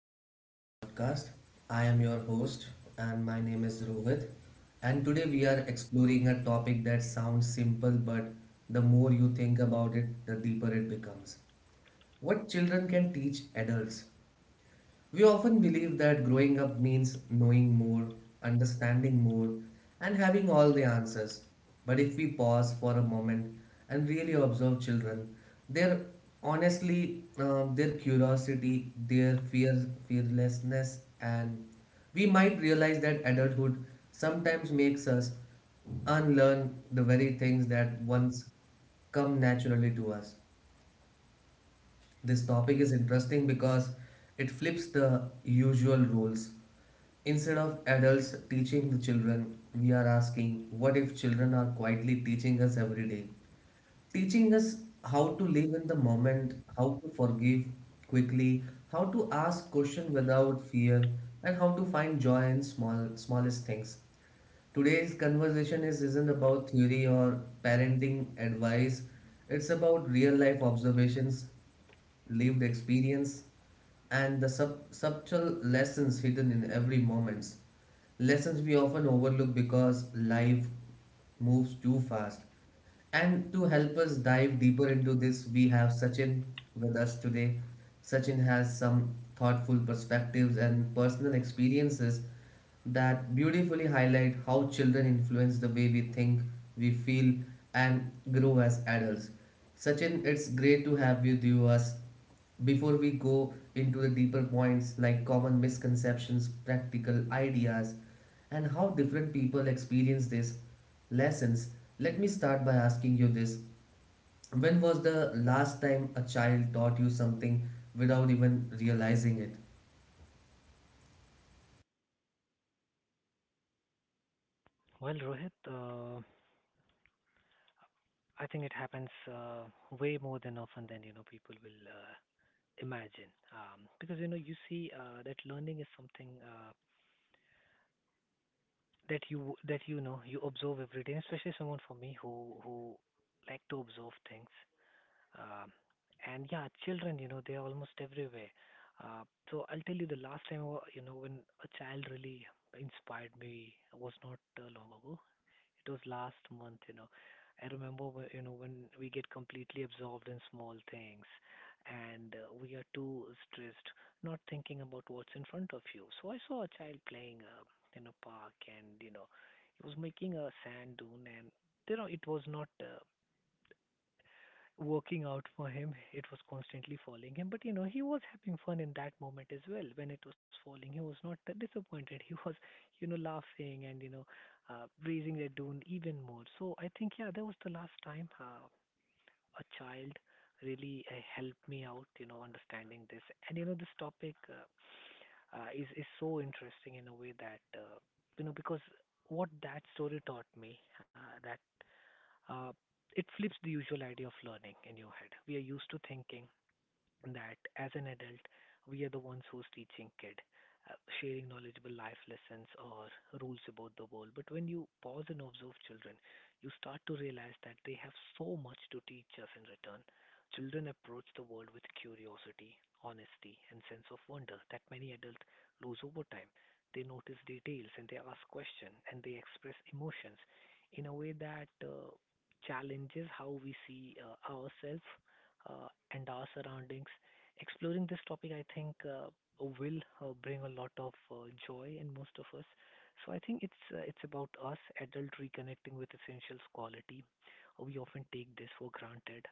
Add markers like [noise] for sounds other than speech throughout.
back to the podcast. I am your host, and my name is Rohit. And today we are exploring a topic that sounds simple, but the more you think about it, the deeper it becomes. What children can teach adults. We often believe that growing up means knowing more, understanding more, and having all the answers. But if we pause for a moment and really observe children, their honestly, their curiosity, their fear, fearlessness, and we might realize that adulthood sometimes makes us unlearn the very things that once come naturally to us. This topic is interesting because it flips the usual rules. Instead of adults teaching the children, we are asking, what if children are quietly teaching us every day? Teaching us how to live in the moment, how to forgive quickly, how to ask questions without fear, and how to find joy in small smallest things. Today's conversation is isn't about theory or parenting advice. It's about real life observations, lived experience, and the subtle lessons hidden in every moment. Lessons we often overlook because life moves too fast. And to help us dive deeper into this, we have Sachin with us today. Sachin has some thoughtful perspectives and personal experiences that beautifully highlight how children influence the way we think, we feel, and grow as adults. Sachin, it's great to have you with us. Before we go into the deeper points like common misconceptions, practical ideas, and how different people experience these lessons, let me start by asking you this. When was the last time a child taught you something without even realizing it? Well, Rohit, I think it happens way more than often than people will imagine. Because you see that learning is something that you observe every day, especially someone for me who like to observe things. Um, and yeah, children, you know, they are almost everywhere. Uh, so I'll tell you the last time, when a child really inspired me was not long ago. It was last month, you know. I remember, when we get completely absorbed in small things and we are too stressed, not thinking about what's in front of you. So I saw a child playing in a park and, you know, he was making a sand dune and, you know, it was not working out for him. It was constantly falling him, but you know, he was having fun in that moment as well. When it was falling, he was not [laughs] that disappointed. He was, you know, laughing and raising the dune even more. So I think yeah, that was the last time a child really helped me out, you know, understanding this. And you know, this topic is so interesting in a way that because what that story taught me, that uh, it flips the usual idea of learning in your head. We are used to thinking that as an adult, we are the ones who's teaching kid, sharing knowledgeable life lessons or rules about the world. But when you pause and observe children, you start to realize that they have so much to teach us in return. Children approach the world with curiosity, honesty, and sense of wonder that many adults lose over time. They notice details and they ask questions and they express emotions in a way that challenges how we see ourselves and our surroundings. Exploring this topic, I think, will bring a lot of joy in most of us. So I think it's about us adult reconnecting with essentials quality. We often take this for granted.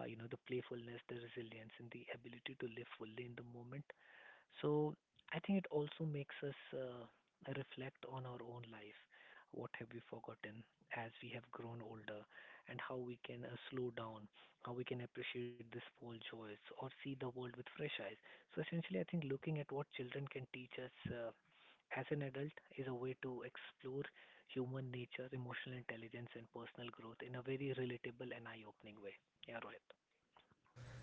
You know, the playfulness, the resilience, and the ability to live fully in the moment. So I think it also makes us reflect on our own life. What have we forgotten as we have grown older, and how we can slow down, how we can appreciate the small joys, or see the world with fresh eyes. So essentially, I think looking at what children can teach us as an adult is a way to explore human nature, emotional intelligence, and personal growth in a very relatable and eye-opening way. Yeah, Rohit.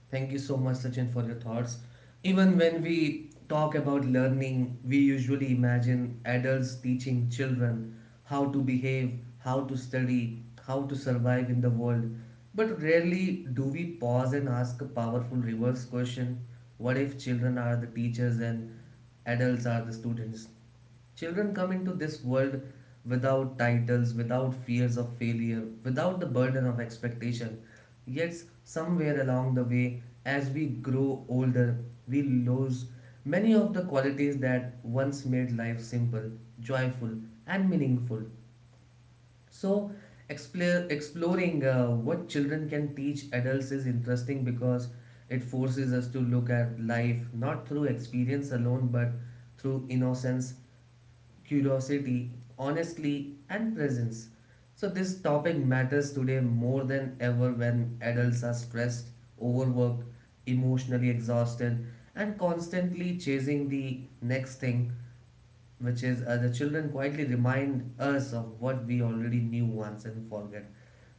Thank you so much, Sachin, for your thoughts. Even when we talk about learning, we usually imagine adults teaching children how to behave, how to study, how to survive in the world. But rarely do we pause and ask a powerful reverse question: what if children are the teachers and adults are the students? Children come into this world without titles, without fears of failure, without the burden of expectation. Yet, somewhere along the way, as we grow older, we lose many of the qualities that once made life simple, joyful, and meaningful. So, exploring what children can teach adults is interesting because it forces us to look at life not through experience alone but through innocence, curiosity, honesty, and presence. So, this topic matters today more than ever when adults are stressed, overworked, emotionally exhausted, and constantly chasing the next thing, which is the children quietly remind us of what we already knew once and forget.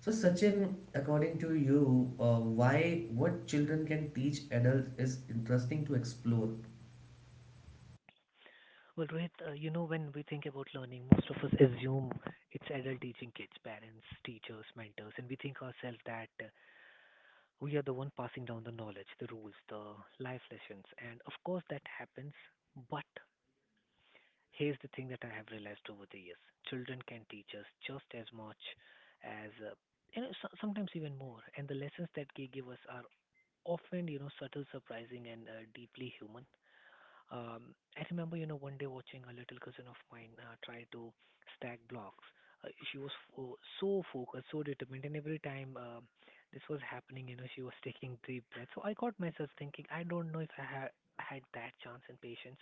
So, Sachin, according to you, why what children can teach adults is interesting to explore. Well, Rohit, you know, when we think about learning, most of us assume it's adult teaching kids, parents, teachers, mentors, and we think ourselves that we are the one passing down the knowledge, the rules, the life lessons. And of course, that happens. But here's the thing that I have realized over the years children can teach us just as much as, you know, sometimes even more. And the lessons that they give us are often, you know, subtle, surprising, and deeply human. I remember, you know, one day watching a little cousin of mine try to stack blocks. She was so focused, so determined, and every time this was happening, you know, she was taking deep breaths. So I got myself thinking, I don't know if I had that chance and patience.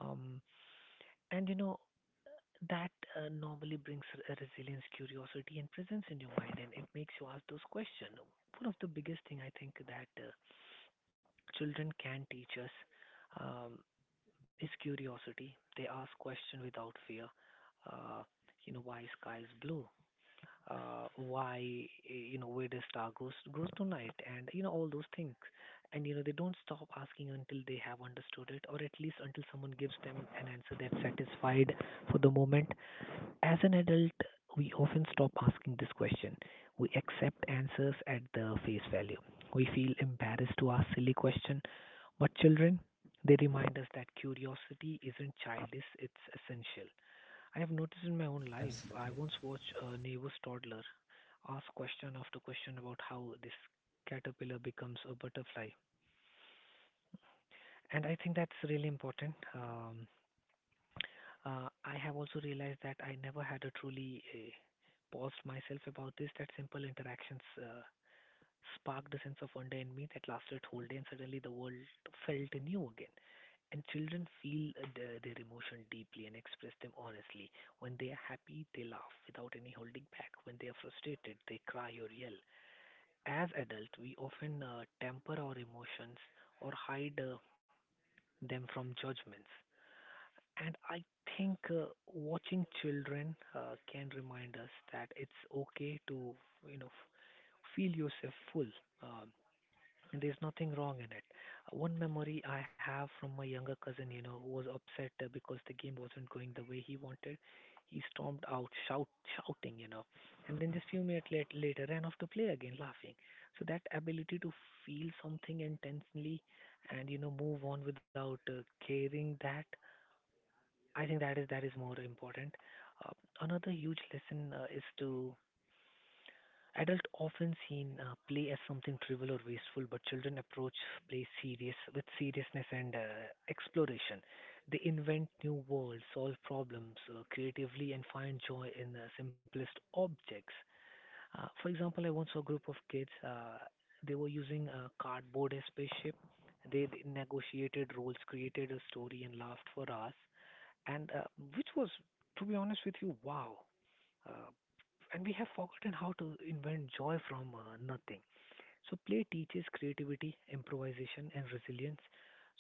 Um, and you know that normally brings a resilience curiosity and presence in your mind and it makes you ask those questions. One of the biggest thing I think that children can teach us um, is curiosity. They ask questions without fear. Uh, you know, why sky is blue? Why, you know, where does star goes tonight? And, you know, all those things. And, you know, they don't stop asking until they have understood it or at least until someone gives them an answer that's satisfied for the moment. As an adult, we often stop asking this question. We accept answers at the face value. We feel embarrassed to ask silly questions. But children, they remind us that curiosity isn't childish, it's essential. I have noticed in my own life, I Absolutely. once watched a neighbor's toddler ask question after question about how this caterpillar becomes a butterfly. And I think that's really important. I have also realized that I never had a truly paused myself about this, that simple interactions sparked a sense of wonder in me that lasted whole day and suddenly the world felt new again. And children feel their emotion deeply and express them honestly. When they are happy, they laugh without any holding back. When they are frustrated, they cry or yell. As adults, we often temper our emotions or hide them from judgments. And I think watching children can remind us that it's okay to, you know, feel yourself full. Um, and there's nothing wrong in it. One memory I have from my younger cousin, you know, who was upset because the game wasn't going the way he wanted. He stormed out, shouting, you know, and then just few minutes later ran off to play again, laughing. So that ability to feel something intensely and you know move on without caring that I think that is more important. Uh, Another huge lesson is to adult often seen play as something trivial or wasteful, but children approach play serious with seriousness and exploration. They invent new worlds, solve problems creatively, and find joy in simplest objects. For example, I once saw a group of kids. They were using cardboard as spaceship. They negotiated roles, created a story, and laughed for hours and which was, to be honest with you, wow. Uh, and we have forgotten how to invent joy from nothing. So play teaches creativity, improvisation, and resilience.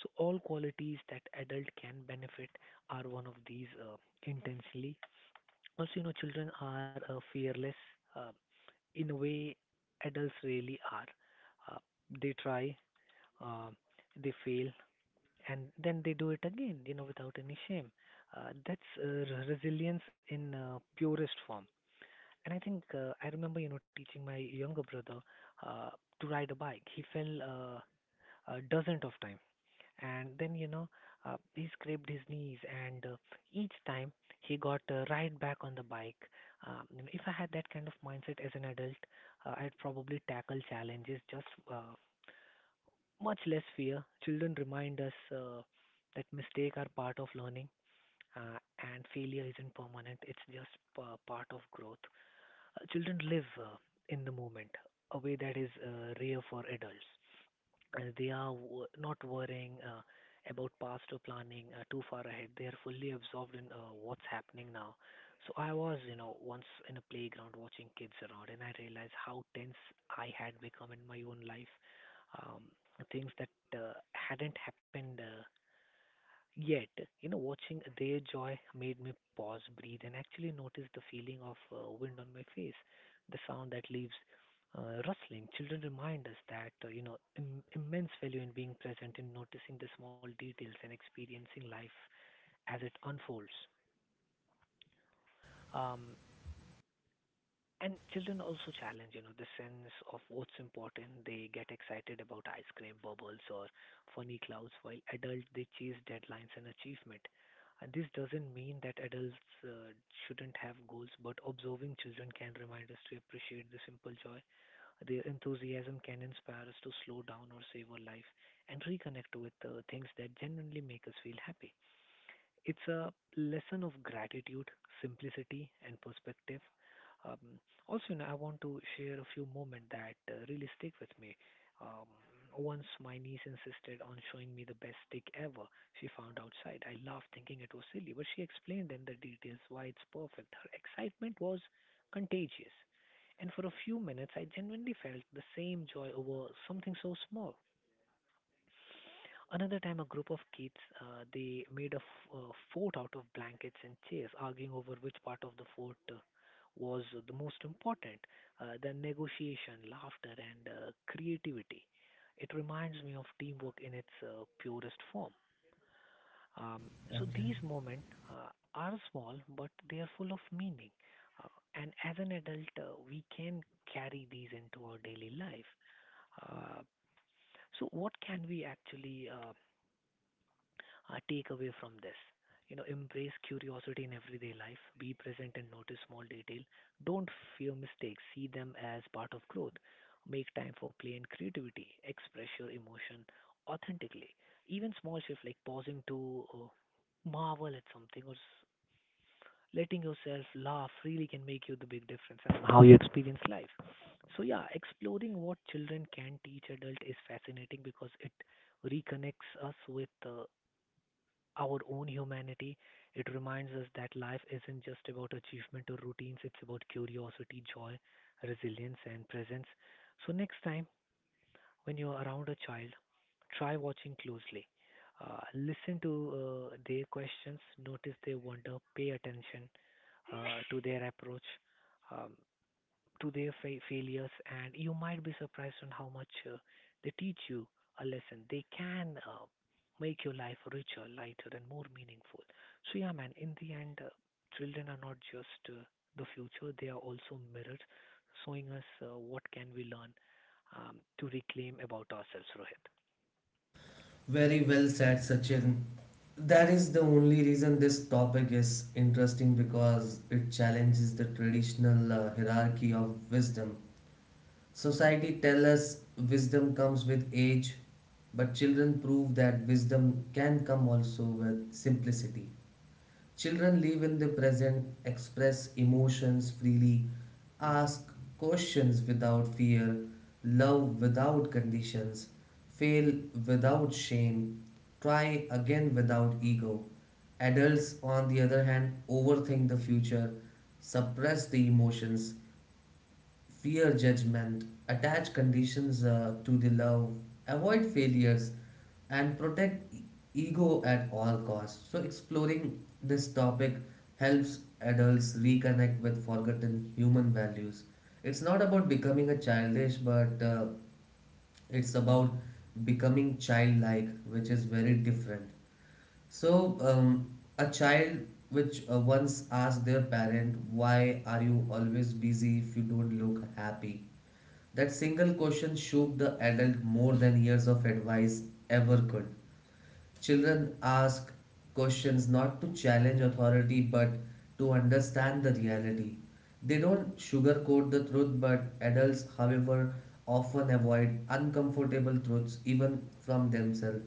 So all qualities that adult can benefit are one of these intensely. Also, you know, children are fearless uh, in a way adults really are. They try, uh, they fail, and then they do it again, you know, without any shame. That's resilience in purest form. And I think I remember, you know, teaching my younger brother uh, to ride a bike. He fell a dozen of times, and then you know, he scraped his knees, and each time he got right back on the bike. You know, if I had that kind of mindset as an adult, I'd probably tackle challenges just uh, much less fear. Children remind us that mistakes are part of learning uh, and failure isn't permanent, it's just part of growth. Children live in the moment, a way that is rare for adults. They are not worrying about past or planning too far ahead. They are fully absorbed in what's happening now. So I was, you know, once in a playground watching kids around, and I realized how tense I had become in my own life. Um, Things that hadn't happened. Yet, you know, watching their joy made me pause, breathe, and actually notice the feeling of wind on my face, the sound that leaves rustling. Children remind us that, you know, immense value in being present, in noticing the small details, and experiencing life as it unfolds. Um, And children also challenge, you know, the sense of what's important. They get excited about ice cream bubbles or funny clouds, while adults they chase deadlines and achievement. And this doesn't mean that adults shouldn't have goals, but observing children can remind us to appreciate the simple joy. Their enthusiasm can inspire us to slow down or savor life and reconnect with things that genuinely make us feel happy. It's a lesson of gratitude, simplicity, and perspective. Um, Also, you know, I want to share a few moments that really stick with me. Um, Once my niece insisted on showing me the best stick ever she found outside. I laughed thinking it was silly, but she explained in the details why it's perfect. Her excitement was contagious. And for a few minutes, I genuinely felt the same joy over something so small. Another time, a group of kids they made a fort out of blankets and chairs, arguing over which part of the fort was the most important. The negotiation, laughter, and creativity. It reminds me of teamwork in its purest form. Um, so Okay. these moments are small, but they are full of meaning. Uh, and as an adult, we can carry these into our daily life. Uh, so what can we actually take away from this? You know, embrace curiosity in everyday life, be present and notice small detail. Don't fear mistakes, see them as part of growth. Make time for play and creativity, express your emotion authentically. Even small shifts like pausing to marvel at something or letting yourself laugh really can make you the big difference in how you experience life. So yeah, exploring what children can teach adult is fascinating because it reconnects us with our own humanity. It reminds us that life isn't just about achievement or routines, it's about curiosity, joy, resilience, and presence. So, next time when you're around a child, try watching closely. Listen to their questions, notice their wonder, pay attention to their approach. Um, to their failures, and you might be surprised on how much they teach you a lesson. They can make your life richer, lighter, and more meaningful. So yeah, man. In the end, children are not just the future; they are also mirrors, showing us what can we learn to reclaim about ourselves, Rohit. Very well said, Sachin. That is the only reason this topic is interesting because it challenges the traditional hierarchy of wisdom. Society tells us wisdom comes with age, but children prove that wisdom can come also with simplicity. Children live in the present, express emotions freely, ask questions without fear, love without conditions, fail without shame, try again without ego. Adults, on the other hand, overthink the future, suppress the emotions, fear judgment, attach conditions to the love, avoid failures, and protect ego at all costs. So, exploring this topic helps adults reconnect with forgotten human values. It's not about becoming a childish, but it's about becoming childlike, which is very different. So, a child which once asked their parent, "Why are you always busy if you don't look happy?" That single question shook the adult more than years of advice ever could. Children ask questions not to challenge authority but to understand the reality. They don't sugarcoat the truth, but adults, however, often avoid uncomfortable truths even from themselves.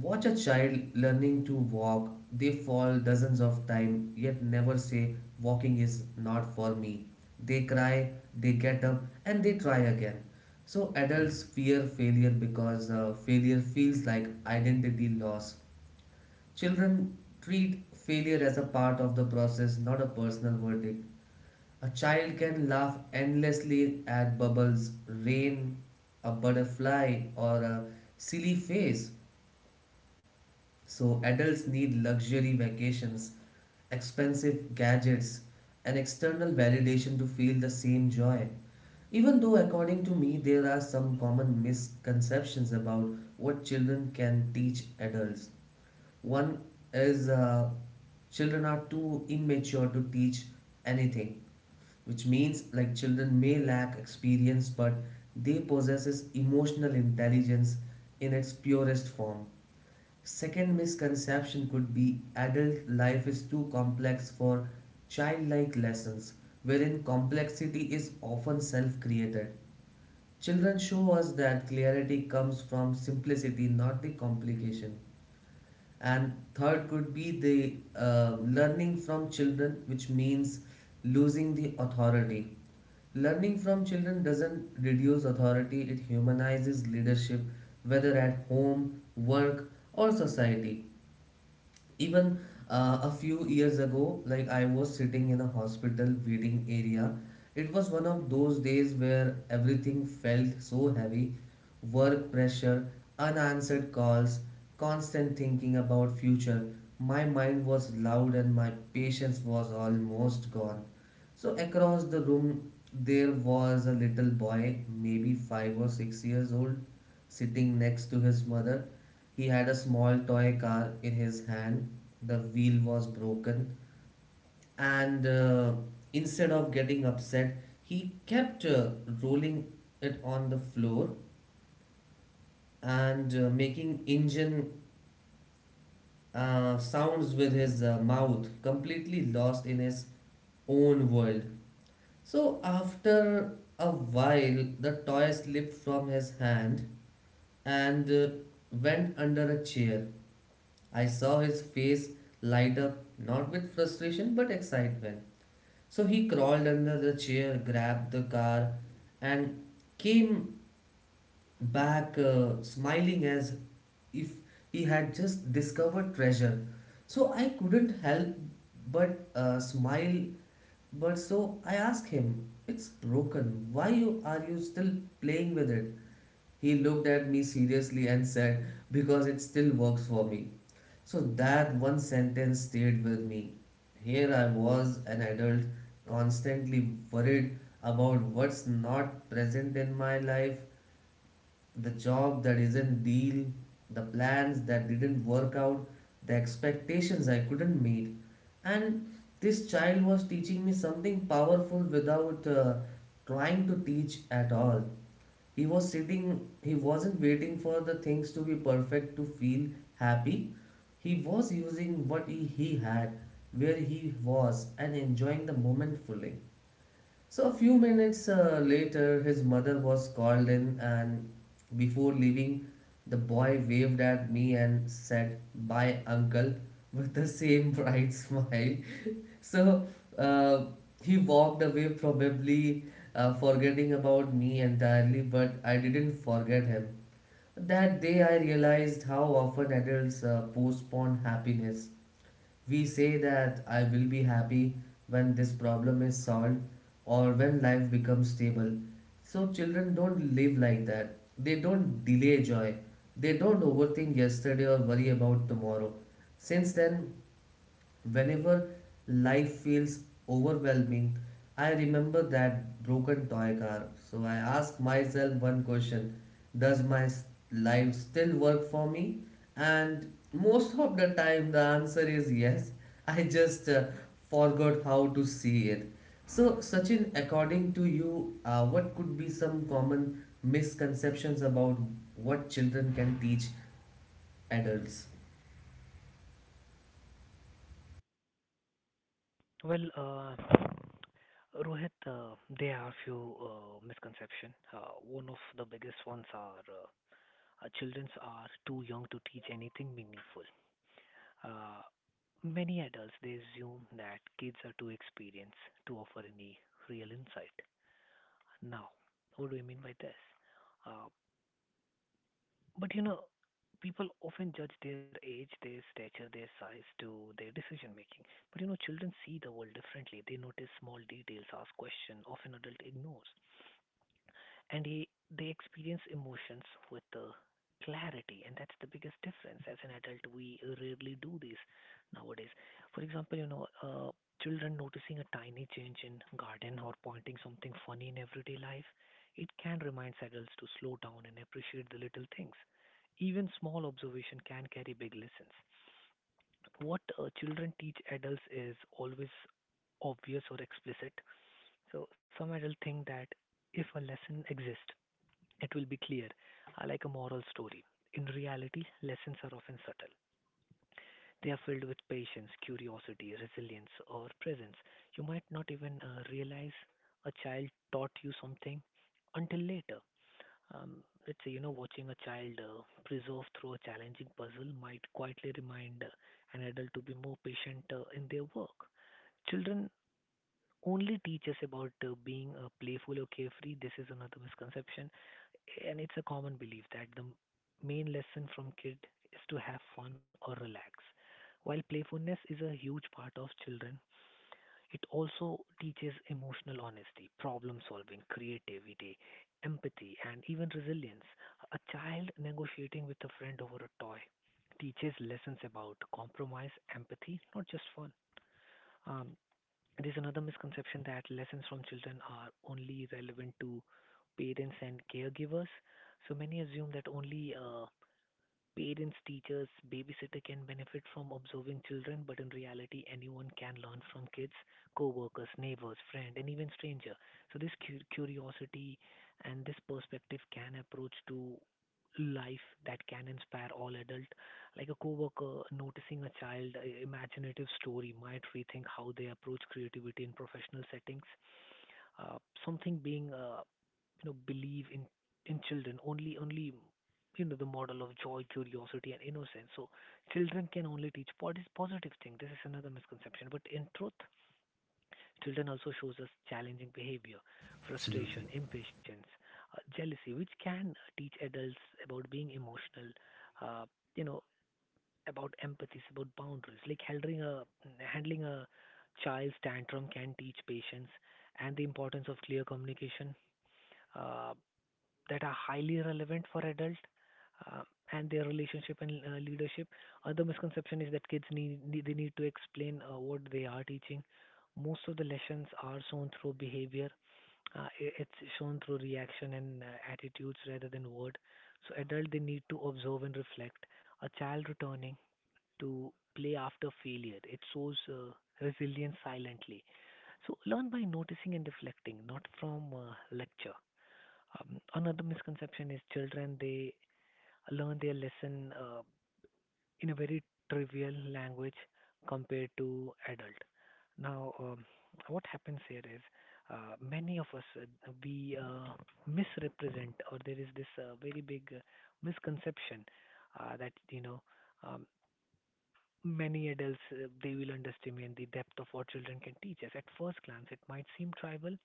Watch a child learning to walk. They fall dozens of times, yet never say, "Walking is not for me." They cry, they get up, and they try again. So adults fear failure because failure feels like identity loss. Children treat failure as a part of the process, not a personal verdict. A child can laugh endlessly at bubbles, rain, a butterfly, or a silly face. So, adults need luxury vacations, expensive gadgets, and external validation to feel the same joy. Even though, according to me, there are some common misconceptions about what children can teach adults. One is children are too immature to teach anything, which means like children may lack experience, but they possesses emotional intelligence in its purest form. Second misconception could be adult life is too complex for childlike lessons, wherein complexity is often self-created. Children show us that clarity comes from simplicity, not the complication. And third could be the learning from children, which means losing the authority. Learning from children doesn't reduce authority, it humanizes leadership, whether at home, work, or society. Even a few years ago, like I was sitting in a hospital waiting area. It was one of those days where everything felt so heavy, work pressure, unanswered calls, constant thinking about future. My mind was loud and my patience was almost gone. So across the room there was a little boy, maybe 5 or 6 years old, sitting next to his mother. He had a small toy car in his hand. The wheel was broken, and instead of getting upset, he kept rolling it on the floor and making engine sounds with his mouth, completely lost in his own world. So, after a while, the toy slipped from his hand and went under a chair. I saw his face light up, not with frustration but excitement. So he crawled under the chair, grabbed the car, and came back smiling as if he had just discovered treasure. So I couldn't help but smile. But so I asked him, "It's broken. Are you still playing with it?" He looked at me seriously and said, "Because it still works for me." So that one sentence stayed with me. Here I was, an adult, constantly worried about what's not present in my life, the job that isn't deal, the plans that didn't work out, the expectations I couldn't meet. And this child was teaching me something powerful without trying to teach at all. He was sitting, he wasn't waiting for the things to be perfect to feel happy. He was using what he had, where he was, and enjoying the moment fully. So a few minutes later, his mother was called in, and before leaving, the boy waved at me and said, "Bye, uncle," with the same bright [laughs] smile. So uh, he walked away, probably forgetting about me entirely. But I didn't forget him. That day, I realized how often adults postpone happiness. We say that I will be happy when this problem is solved or when life becomes stable. So children don't live like that. They don't delay joy. They don't overthink yesterday or worry about tomorrow. Since then, whenever life feels overwhelming, I remember that broken toy car. So I ask myself one question: does life still work for me? And most of the time, the answer is yes. [laughs] I just forgot how to see it. So, Sachin, according to you, what could be some common misconceptions about what children can teach adults? Well, Rohit, there are a few misconceptions. One of the biggest ones are children are too young to teach anything meaningful. Uh, many adults they assume that kids are too experienced to offer any real insight. Now, what do we mean by this? Uh, but you know, people often judge their age, their stature, their size to their decision making. But you know, children see the world differently. They notice small details, ask questions often adult ignores. and he, they experience emotions with the clarity, and that's the biggest difference. As an adult, we rarely do this nowadays. For example, you know, children noticing a tiny change in garden or pointing something funny in everyday life, it can remind adults to slow down and appreciate the little things. Even small observation can carry big lessons. What children teach adults is always obvious or explicit. So some adults think that if a lesson exists, it will be clear, like a moral story. In reality, lessons are often subtle. They are filled with patience, curiosity, resilience, or presence. You might not even realize a child taught you something until later. Let's say, you know, watching a child preserve through a challenging puzzle might quietly remind an adult to be more patient in their work. Children only teach us about being playful or carefree. This is another misconception, and it's a common belief that the main lesson from kid is to have fun or relax. While playfulness is a huge part of children, it also teaches emotional honesty, problem solving, creativity, empathy, and even resilience. A child negotiating with a friend over a toy teaches lessons about compromise, empathy, not just fun. Um, there's another misconception that lessons from children are only relevant to parents and caregivers. So many assume that only parents, teachers, babysitter can benefit from observing children, but in reality, anyone can learn from kids, co-workers, neighbors, friend, and even stranger. So this curiosity and this perspective can approach to life that can inspire all adult. Like a co-worker noticing a child imaginative story might rethink how they approach creativity in professional settings. Uh, something being you know, believe in in children only you know the model of joy, curiosity, and innocence. So children can only teach what is positive thing. This is another misconception. But in truth, children also shows us challenging behavior, frustration, Absolutely. impatience, jealousy, which can teach adults about being emotional. Uh, you know, about empathy, about boundaries. Like handling a child's tantrum can teach patience and the importance of clear communication. Uh, that are highly relevant for adult uh, and their relationship and leadership. Other misconception is that kids need, need they need to explain what they are teaching. Most of the lessons are shown through behavior. It's shown through reaction and attitudes rather than word. So adult they need to observe and reflect. A child returning to play after failure, it shows resilience silently. So learn by noticing and reflecting, not from lecture. Another misconception is children they learn their lesson in a very trivial language compared to adult. Now, what happens here is many of us we misrepresent, or there is this very big misconception that you know um, many adults they will underestimate the depth of what children can teach us. At first glance, it might seem trivial,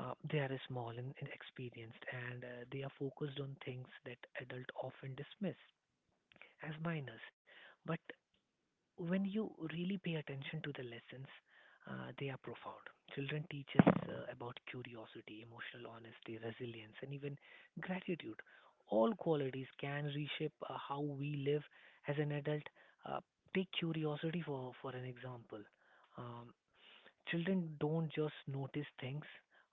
they are small and inexperienced, and they are focused on things that adult often dismiss as minors. But when you really pay attention to the lessons, they are profound. Children teach us about curiosity, emotional honesty, resilience, and even gratitude. All qualities can reshape how we live as an adult. Uh, take curiosity for an example. Um, children don't just notice things,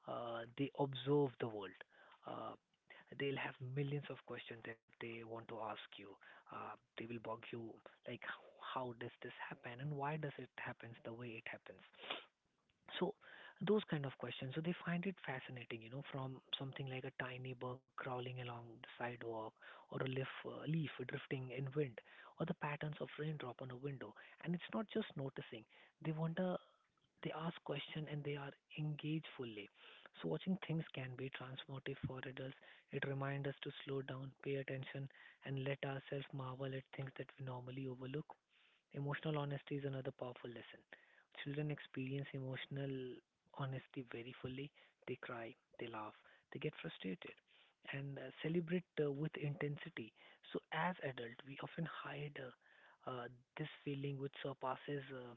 they observe the world. Uh, they'll have millions of questions that they want to ask you. They will bug you like, how does this happen, and why does it happens the way it happens? So those kind of questions. So they find it fascinating, you know, from something like a tiny bug crawling along the sidewalk or a leaf drifting in wind or the patterns of raindrop on a window. And it's not just noticing. They want to they ask questions, and they are engaged fully. So watching things can be transformative for adults. It reminds us to slow down, pay attention, and let ourselves marvel at things that we normally overlook. Emotional honesty is another powerful lesson. Children experience emotional honesty very fully. They cry, they laugh, they get frustrated, and celebrate with intensity. So as adults, we often hide this feeling which surpasses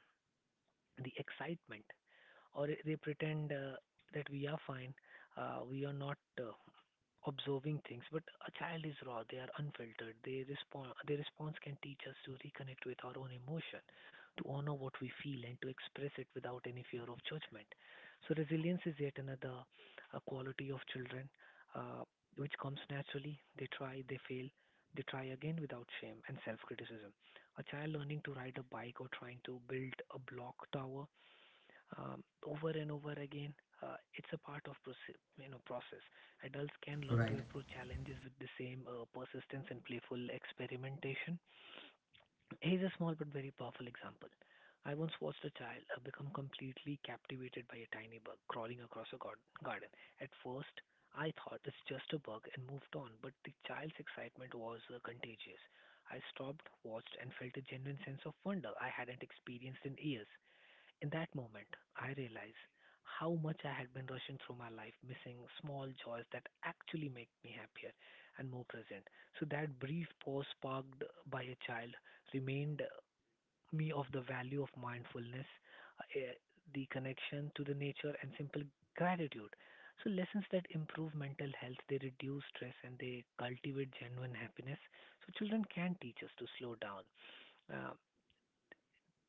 the excitement, or they pretend that we are fine, we are not observing things. But a child is raw; they are unfiltered. They respond. Their response can teach us to reconnect with our own emotion, to honor what we feel, and to express it without any fear of judgment. So resilience is yet another quality of children, uh, which comes naturally. They try, they fail. They try again without shame and self criticism. A child learning to ride a bike or trying to build a block tower over and over again, it's a part of you know process. Adults can learn to Right, approach challenges with the same persistence and playful experimentation. Here's a small but very powerful example. I once watched a child become completely captivated by a tiny bug crawling across a garden. At first, I thought it's just a bug and moved on, but the child's excitement was contagious. I stopped, watched, and felt a genuine sense of wonder I hadn't experienced in years. In that moment, I realized how much I had been rushing through my life, missing small joys that actually make me happier and more present. So that brief pause sparked by a child remained me of the value of mindfulness, uh, eh, the connection to the nature and simple gratitude. So lessons that improve mental health, they reduce stress and they cultivate genuine happiness. So children can teach us to slow down. Uh,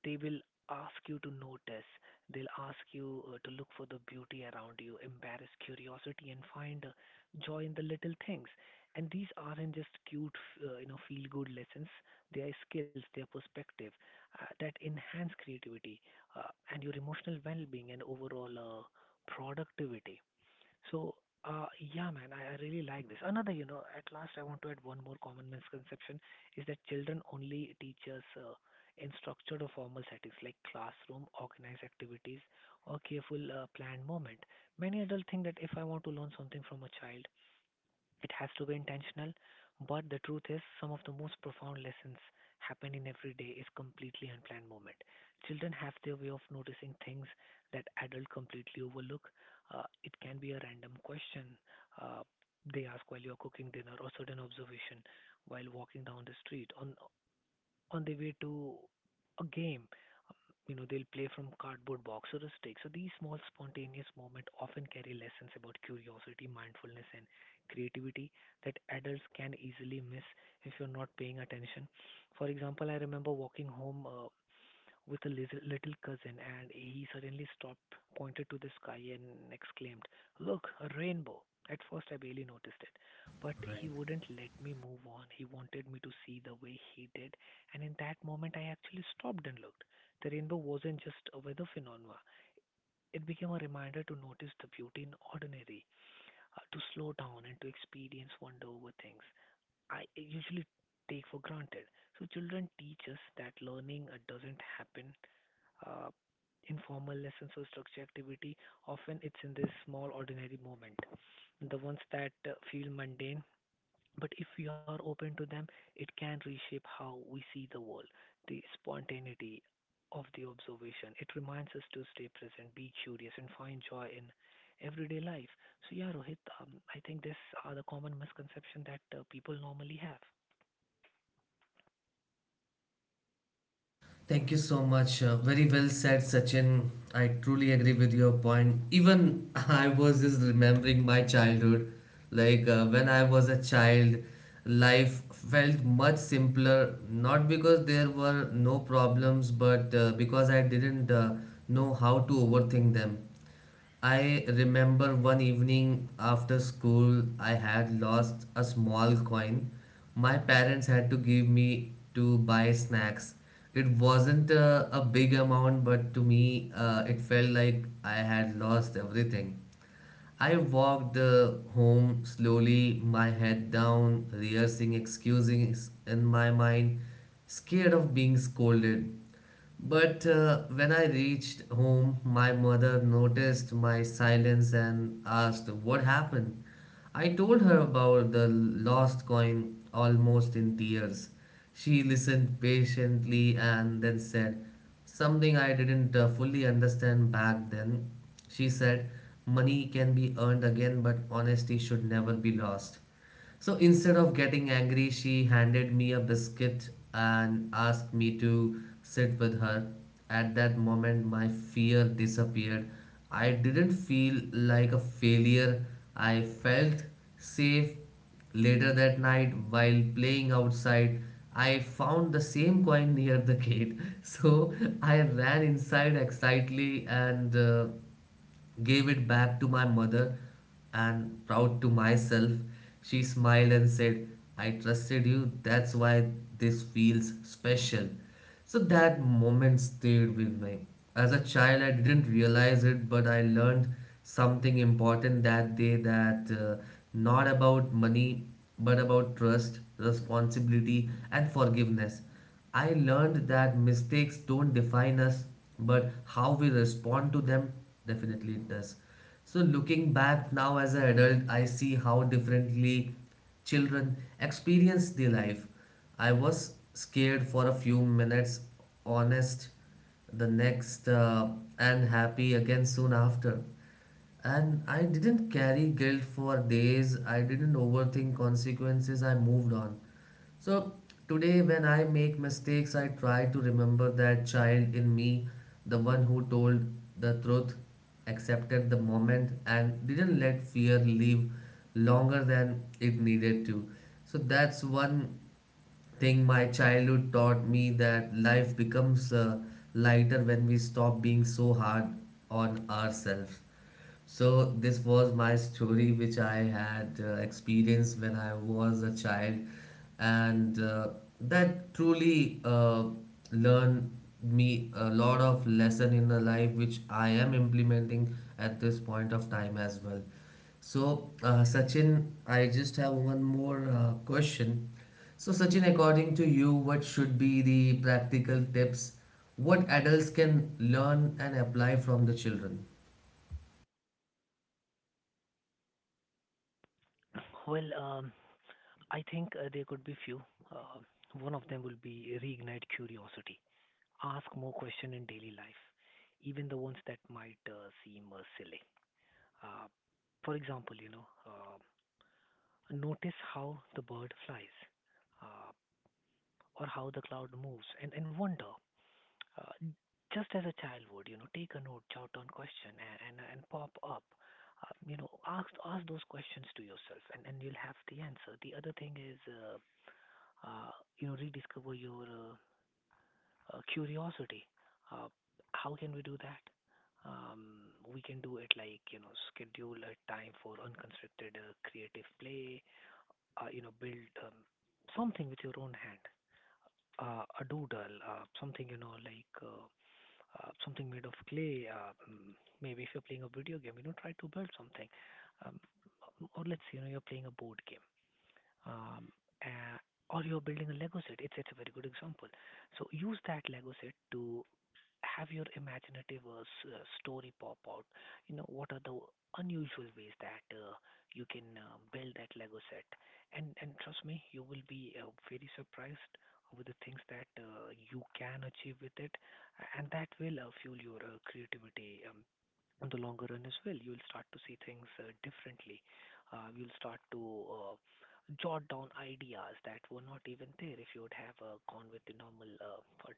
they will ask you to notice. They'll ask you to look for the beauty around you, embrace curiosity, and find joy in the little things. And these aren't just cute, you know, feel-good lessons. They are skills, they are perspective that enhance creativity and your emotional well-being and overall productivity. So, uh, yeah, man, I really like this. Another, you know, at last I want to add one more common misconception is that children only teach us in structured or formal settings like classroom, organized activities, or careful planned moment. Many adults think that if I want to learn something from a child, it has to be intentional, but the truth is, some of the most profound lessons happen in every day is completely unplanned moment. Children have their way of noticing things that adults completely overlook. It can be a random question uh, they ask while you're cooking dinner, or certain observation while walking down the street, on the way to a game, you know, they'll play from cardboard box or a stick. So these small spontaneous moments often carry lessons about curiosity, mindfulness, and creativity that adults can easily miss if you're not paying attention. For example, I remember walking home with a little cousin, and he suddenly stopped, pointed to the sky, and exclaimed, "Look, a rainbow." At first, I barely noticed it, but he right. wouldn't let me move on. He wanted me to see the way he did, and in that moment, I actually stopped and looked. The rainbow wasn't just a weather phenomenon. It became a reminder to notice the beauty in ordinary, to slow down and to experience wonder over things I usually take for granted. So children teach us that learning doesn't happen uh, in formal lessons or structured activity. Often it's in this small ordinary moment, the ones that feel mundane but if we are open to them, it can reshape how we see the world, the spontaneity of the observation. It reminds us to stay present, be curious, and find joy in everyday life. So, yeah, Rohit, I think this are the common misconception that people normally have. Thank you so much. Very well said, Sachin. I truly agree with your point. Even [laughs] I was just remembering my childhood. Like when I was a child, life felt much simpler, not because there were no problems, but because I didn't know how to overthink them. I remember one evening after school, I had lost a small coin. My parents had to give me to buy snacks. It wasn't a big amount, but to me, it felt like I had lost everything. I walked home slowly, my head down, rehearsing excuses in my mind, scared of being scolded. But when I reached home, my mother noticed my silence and asked what happened. I told her about the lost coin almost in tears. She listened patiently and then said something I didn't fully understand back then. She said, "Money can be earned again, but honesty should never be lost." So instead of getting angry, she handed me a biscuit and asked me to sit with her. At that moment, my fear disappeared. I didn't feel like a failure. I felt safe. Later that night, while playing outside, I found the same coin near the gate. [laughs] So I ran inside excitedly and gave it back to my mother, and proud to myself, she smiled and said, "I trusted you, that's why this feels special." So that moment stayed with me. As a child, I didn't realize it, but I learned something important that day, that not about money, but about trust, responsibility, and forgiveness. I learned that mistakes don't define us, but how we respond to them definitely it does. So, looking back now as an adult, I see how differently children experience their life. I was scared for a few minutes, honest the next, and happy again soon after. And I didn't carry guilt for days, I didn't overthink consequences, I moved on. So today when I make mistakes, I try to remember that child in me, the one who told the truth, accepted the moment and didn't let fear live longer than it needed to. So that's one thing my childhood taught me, that life becomes lighter when we stop being so hard on ourselves. So this was my story which I had experienced when I was a child, and that truly learned me a lot of lesson in the life which I am implementing at this point of time as well. So Sachin, I just have one more question. So Sachin, according to you, what should be the practical tips what adults can learn and apply from the children? Well, I think there could be few. Uh, one of them will be reignite curiosity. Ask more questions in daily life, even the ones that might seem silly. Uh, for example, you know, notice how the bird flies uh, or how the cloud moves and wonder, uh, just as a child would. You know, take a note, jot down question, and pop up. Uh, you know, ask those questions to yourself, and you'll have the answer. The other thing is, uh, you know, rediscover your curiosity. Uh, how can we do that? Um, we can do it like, you know, schedule a time for unconstructed creative play. Uh, you know, build something with your own hand, a doodle, something, you know, like something made of clay. Maybe if you're playing a video game, you know, try to build something. Um, or let's say, you know, you're playing a board game. Um, uh, or you're building a Lego set. It's a very good example. So use that Lego set to have your imaginative story pop out. You know, what are the unusual ways that you can build that Lego set? And trust me, you will be very surprised with the things that you can achieve with it, and that will fuel your creativity. On the longer run as well, you'll start to see things differently. You'll start to uh, jot down ideas that were not even there if you would have gone with the normal thought.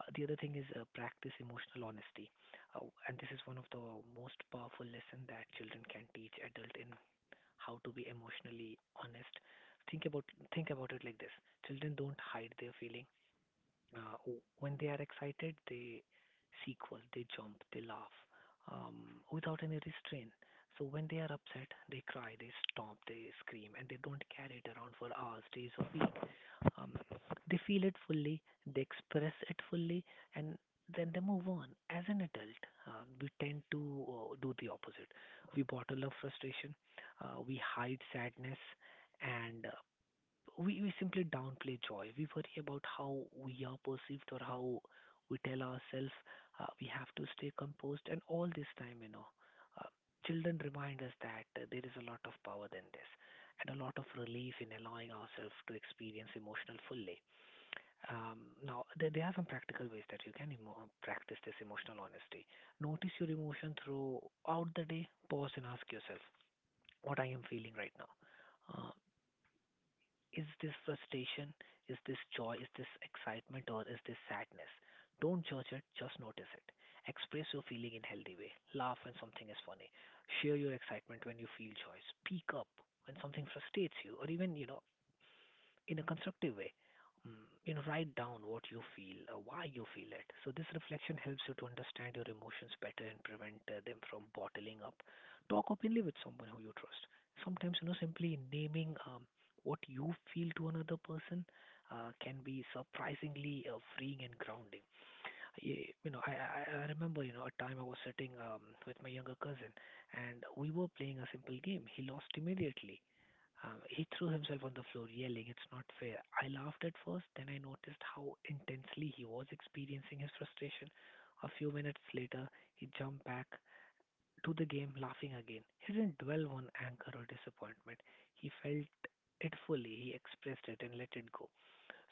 The other thing is practice emotional honesty, and this is one of the most powerful lesson that children can teach adult in how to be emotionally honest. Think about think about it like this: children don't hide their feeling. Uh, when they are excited, they sequel, they jump, they laugh, without any restraint. So when they are upset, they cry, they stomp, they scream, and they don't carry it around for hours, days, or weeks. Um, they feel it fully, they express it fully, and then they move on. As an adult, we tend to do the opposite. We bottle up frustration, we hide sadness, and we simply downplay joy. We worry about how we are perceived, or how we tell ourselves we have to stay composed. And all this time, you know, uh, children remind us that there is a lot of power than this and a lot of relief in allowing ourselves to experience emotional fully. Now, there are some practical ways that you can practice this emotional honesty. Notice your emotion throughout the day. Pause and ask yourself, what I am feeling right now. Uh, is this frustration? Is this joy? Is this excitement? Or is this sadness? Don't judge it, just notice it. Express your feeling in healthy way. Laugh when something is funny. Share your excitement when you feel joy. Speak up when something frustrates you, or even, you know, in a constructive way. Mm, you know, write down what you feel, why you feel it. So this reflection helps you to understand your emotions better and prevent them from bottling up. Talk openly with someone who you trust. Sometimes, you know, simply naming what you feel to another person can be surprisingly freeing and grounding. You know, I remember, you know, a time I was sitting with my younger cousin and we were playing a simple game. He lost immediately. He threw himself on the floor, yelling, "It's not fair." I laughed at first, then I noticed how intensely he was experiencing his frustration. A few minutes later, he jumped back to the game laughing again. He didn't dwell on anger or disappointment. He felt it fully, he expressed it and let it go.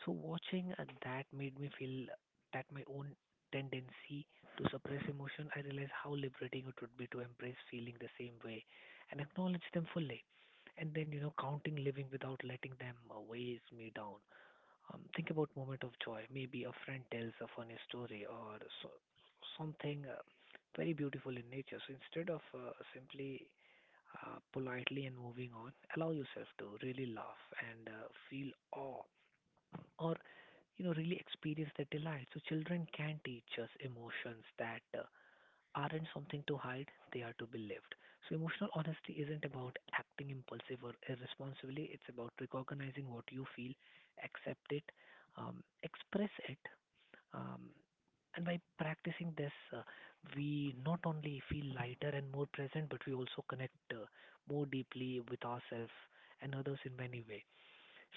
So watching that made me feel that my own tendency to suppress emotion, I realized how liberating it would be to embrace feeling the same way and acknowledge them fully. And then, you know, counting living without letting them weighs me down. Think about moment of joy. Maybe a friend tells a funny story, or so, something very beautiful in nature. So instead of simply politely and moving on, allow yourself to really laugh and feel awe, or you know, really experience the delight. So children can teach us emotions that aren't something to hide, they are to be lived. So, emotional honesty isn't about acting impulsive or irresponsibly, it's about recognizing what you feel, accept it, express it. Um, and by practicing this, we not only feel lighter and more present, but we also connect more deeply with ourselves and others in many ways.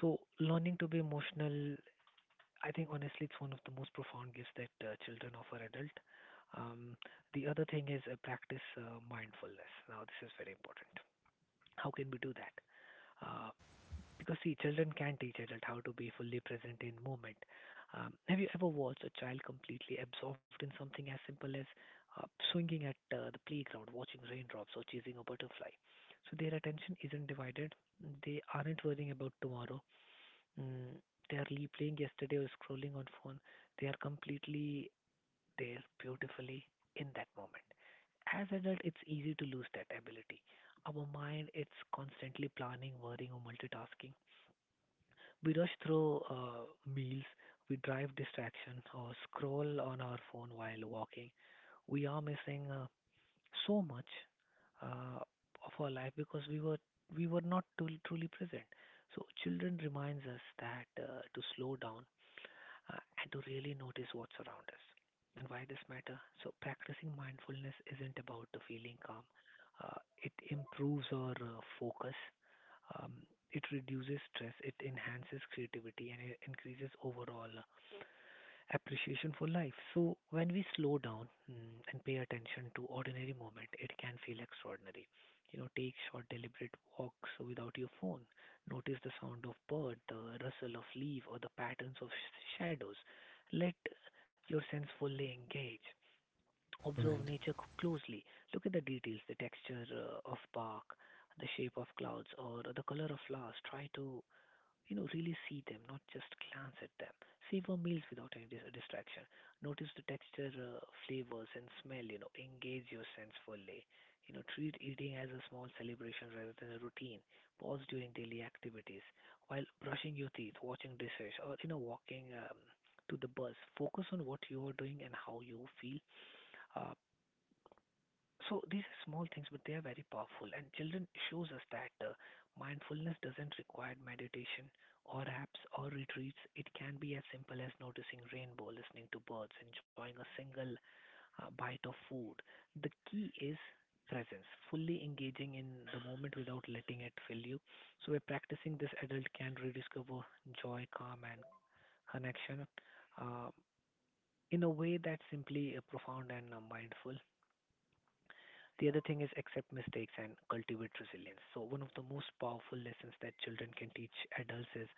So, learning to be emotional, I think honestly, it's one of the most profound gifts that children offer adult. Um, the other thing is practice mindfulness. Now, this is very important. How can we do that? Uh, because see, children can teach adult how to be fully present in moment. Have you ever watched a child completely absorbed in something as simple as swinging at the playground, watching raindrops, or chasing a butterfly? So their attention isn't divided. They aren't worrying about tomorrow. Mm, they are playing yesterday, or scrolling on phone. They are completely there beautifully in that moment. As adult, it's easy to lose that ability. Our mind, it's constantly planning, worrying, or multitasking. We rush through meals, we drive distraction, or scroll on our phone while walking. We are missing so much uh, of our life because we were not truly present. So children reminds us that, to slow down, and to really notice what's around us. And why this matter? So practicing mindfulness isn't about the feeling calm. It improves our focus. Um, it reduces stress. It enhances creativity and it increases overall appreciation for life. So when we slow down, mm, and pay attention to ordinary moment, it can feel extraordinary. You know, take short deliberate walks without your phone. Notice the sound of bird, the rustle of leaf, or the patterns of shadows. Let your sense fully engage. Observe Right. nature closely. Look at the details, the texture of bark, the shape of clouds, or the color of flowers. Try to, you know, really see them, not just glance at them. Savor meals without any distraction. Notice the texture, flavors, and smell. You know, engage your sense fully. You know, treat eating as a small celebration rather than a routine. Pause during daily activities, while brushing your teeth, watching dishes, or, you know, walking to the bus. Focus on what you are doing and how you feel. Uh, so these are small things, but they are very powerful, and children shows us that mindfulness doesn't require meditation or apps or retreats. It can be as simple as noticing rainbow, listening to birds, enjoying a single bite of food. The key is presence, fully engaging in the moment without letting it fill you. So by practicing this, adult can rediscover joy, calm, and connection uh, in a way that's simply profound and mindful. The other thing is accept mistakes and cultivate resilience. So, one of the most powerful lessons that children can teach adults is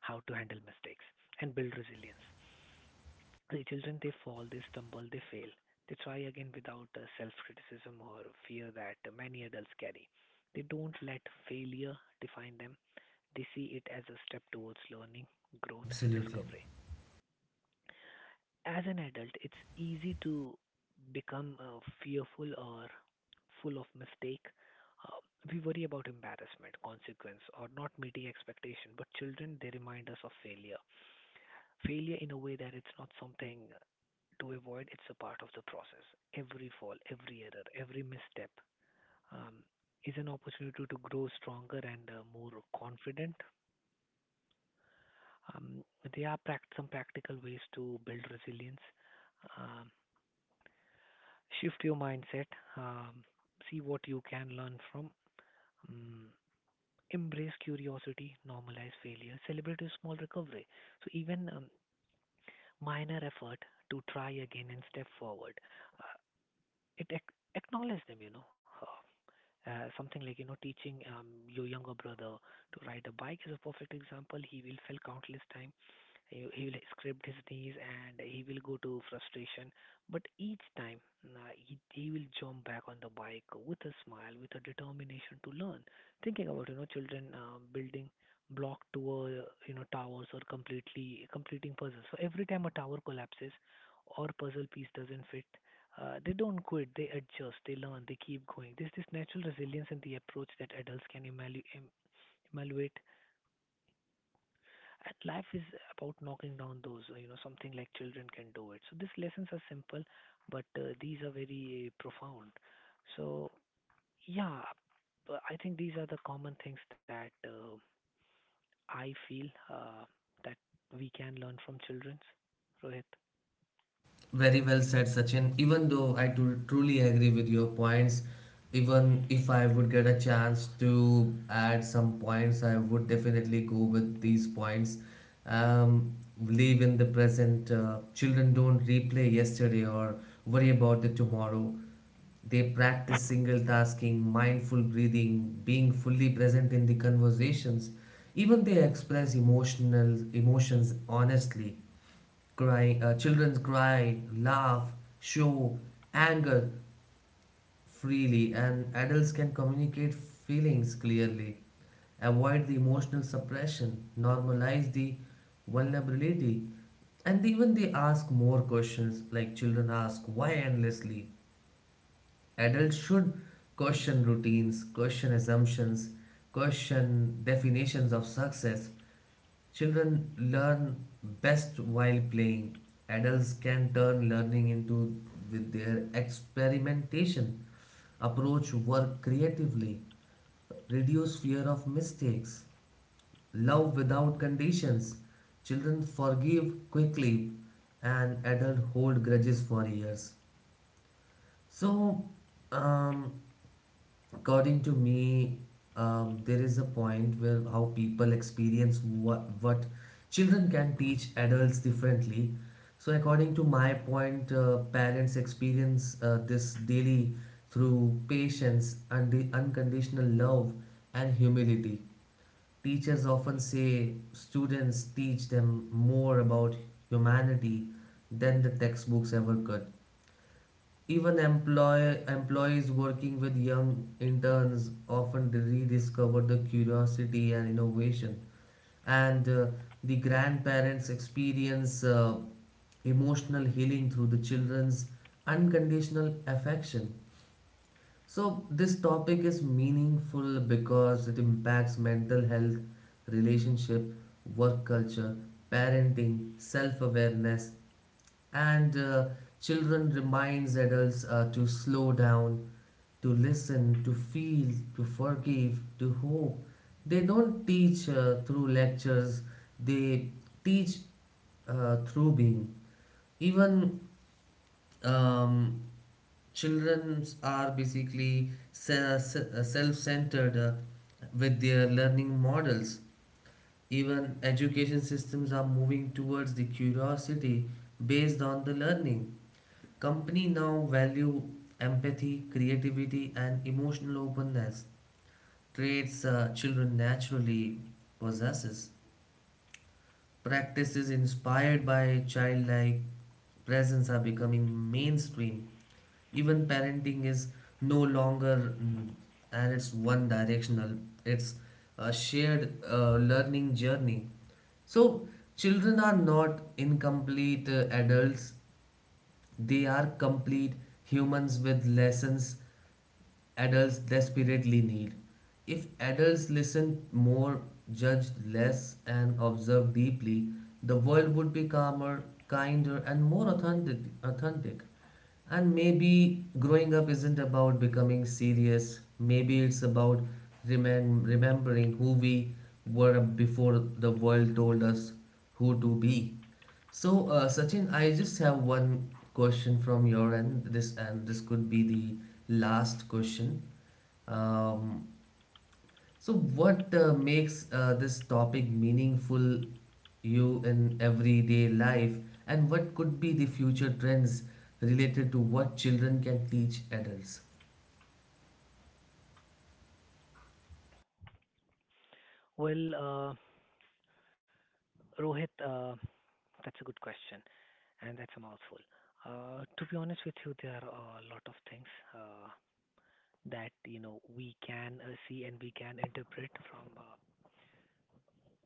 how to handle mistakes and build resilience. The children, they fall, they stumble, they fail. They try again without self criticism or fear that many adults carry. They don't let failure define them, they see it as a step towards learning, growth, and Absolutely. discovery. As an adult, it's easy to become fearful or full of mistake. Uh, we worry about embarrassment, consequence, or not meeting expectation. But children, they remind us of failure. Failure in a way that it's not something to avoid. It's a part of the process. Every fall, every error, every misstep um, is an opportunity to grow stronger and more confident. Um, there are some practical ways to build resilience. Um, Shift your mindset, um, see what you can learn from, um, embrace curiosity, normalize failure, celebrate your small recovery. So even minor effort to try again and step forward, uh, acknowledge them, something like teaching your younger brother to ride a bike is a perfect example. He will fail countless time, he will scrape his knees and he will go to frustration, but each time he will jump back on the bike with a smile, with a determination to learn. Thinking about children building block to a towers or completely completing puzzles, so every time a tower collapses or puzzle piece doesn't fit they don't quit, they adjust, they learn, they keep going. There's this natural resilience in the approach that adults can evaluate. And life is about knocking down those, something like children can do it. So these lessons are simple, but these are very profound. So, yeah, but I think these are the common things that I feel uh, that we can learn from children. Rohit. Very well said, Sachin. Even though I truly agree with your points, even if I would get a chance to add some points, I would definitely go with these points. Um, Live in the present. Children don't replay yesterday or worry about the tomorrow. They practice single tasking, mindful breathing, being fully present in the conversations. Even they express emotional emotions honestly. Crying, children cry, laugh, show anger freely, and adults can communicate feelings clearly, avoid the emotional suppression, normalize the vulnerability, and even they ask more questions like children ask why endlessly. Adults should question routines, question assumptions, question definitions of success. Children learn best while playing. Adults can turn learning into with their experimentation, approach work creatively, reduce fear of mistakes, love without conditions. Children forgive quickly, and adults hold grudges for years. So, um, according to me, there is a point where how people experience what children can teach adults differently. So according to my point, parents experience this daily through patience and the unconditional love and humility. Teachers often say students teach them more about humanity than the textbooks ever could. Even employees working with young interns often rediscover the curiosity and innovation. And the grandparents experience emotional healing through the children's unconditional affection. So, this topic is meaningful because it impacts mental health, relationship, work culture, parenting, self awareness, and children reminds adults to slow down, to listen, to feel, to forgive, to hope. They don't teach through lectures, they teach through being. Even um, children are basically self-centered with their learning models. Even education systems are moving towards the curiosity based on the learning. Company now value empathy, creativity, and emotional openness, traits children naturally possesses. Practices inspired by childlike presence are becoming mainstream. Even parenting is no longer and it's one directional, it's a shared learning journey. So children are not incomplete adults, they are complete humans with lessons adults desperately need. If adults listened more, judged less, and observed deeply, the world would be calmer, kinder, and more authentic. And maybe growing up isn't about becoming serious, maybe it's about remembering who we were before the world told us who to be. So, Sachin, I just have one question from your end. This could be the last question. Um, so, what makes this topic meaningful you in everyday life, and what could be the future trends related to what children can teach adults? Well, Rohit, that's a good question. And that's a mouthful. To be honest with you, there are a lot of things uh, that we can see and we can interpret from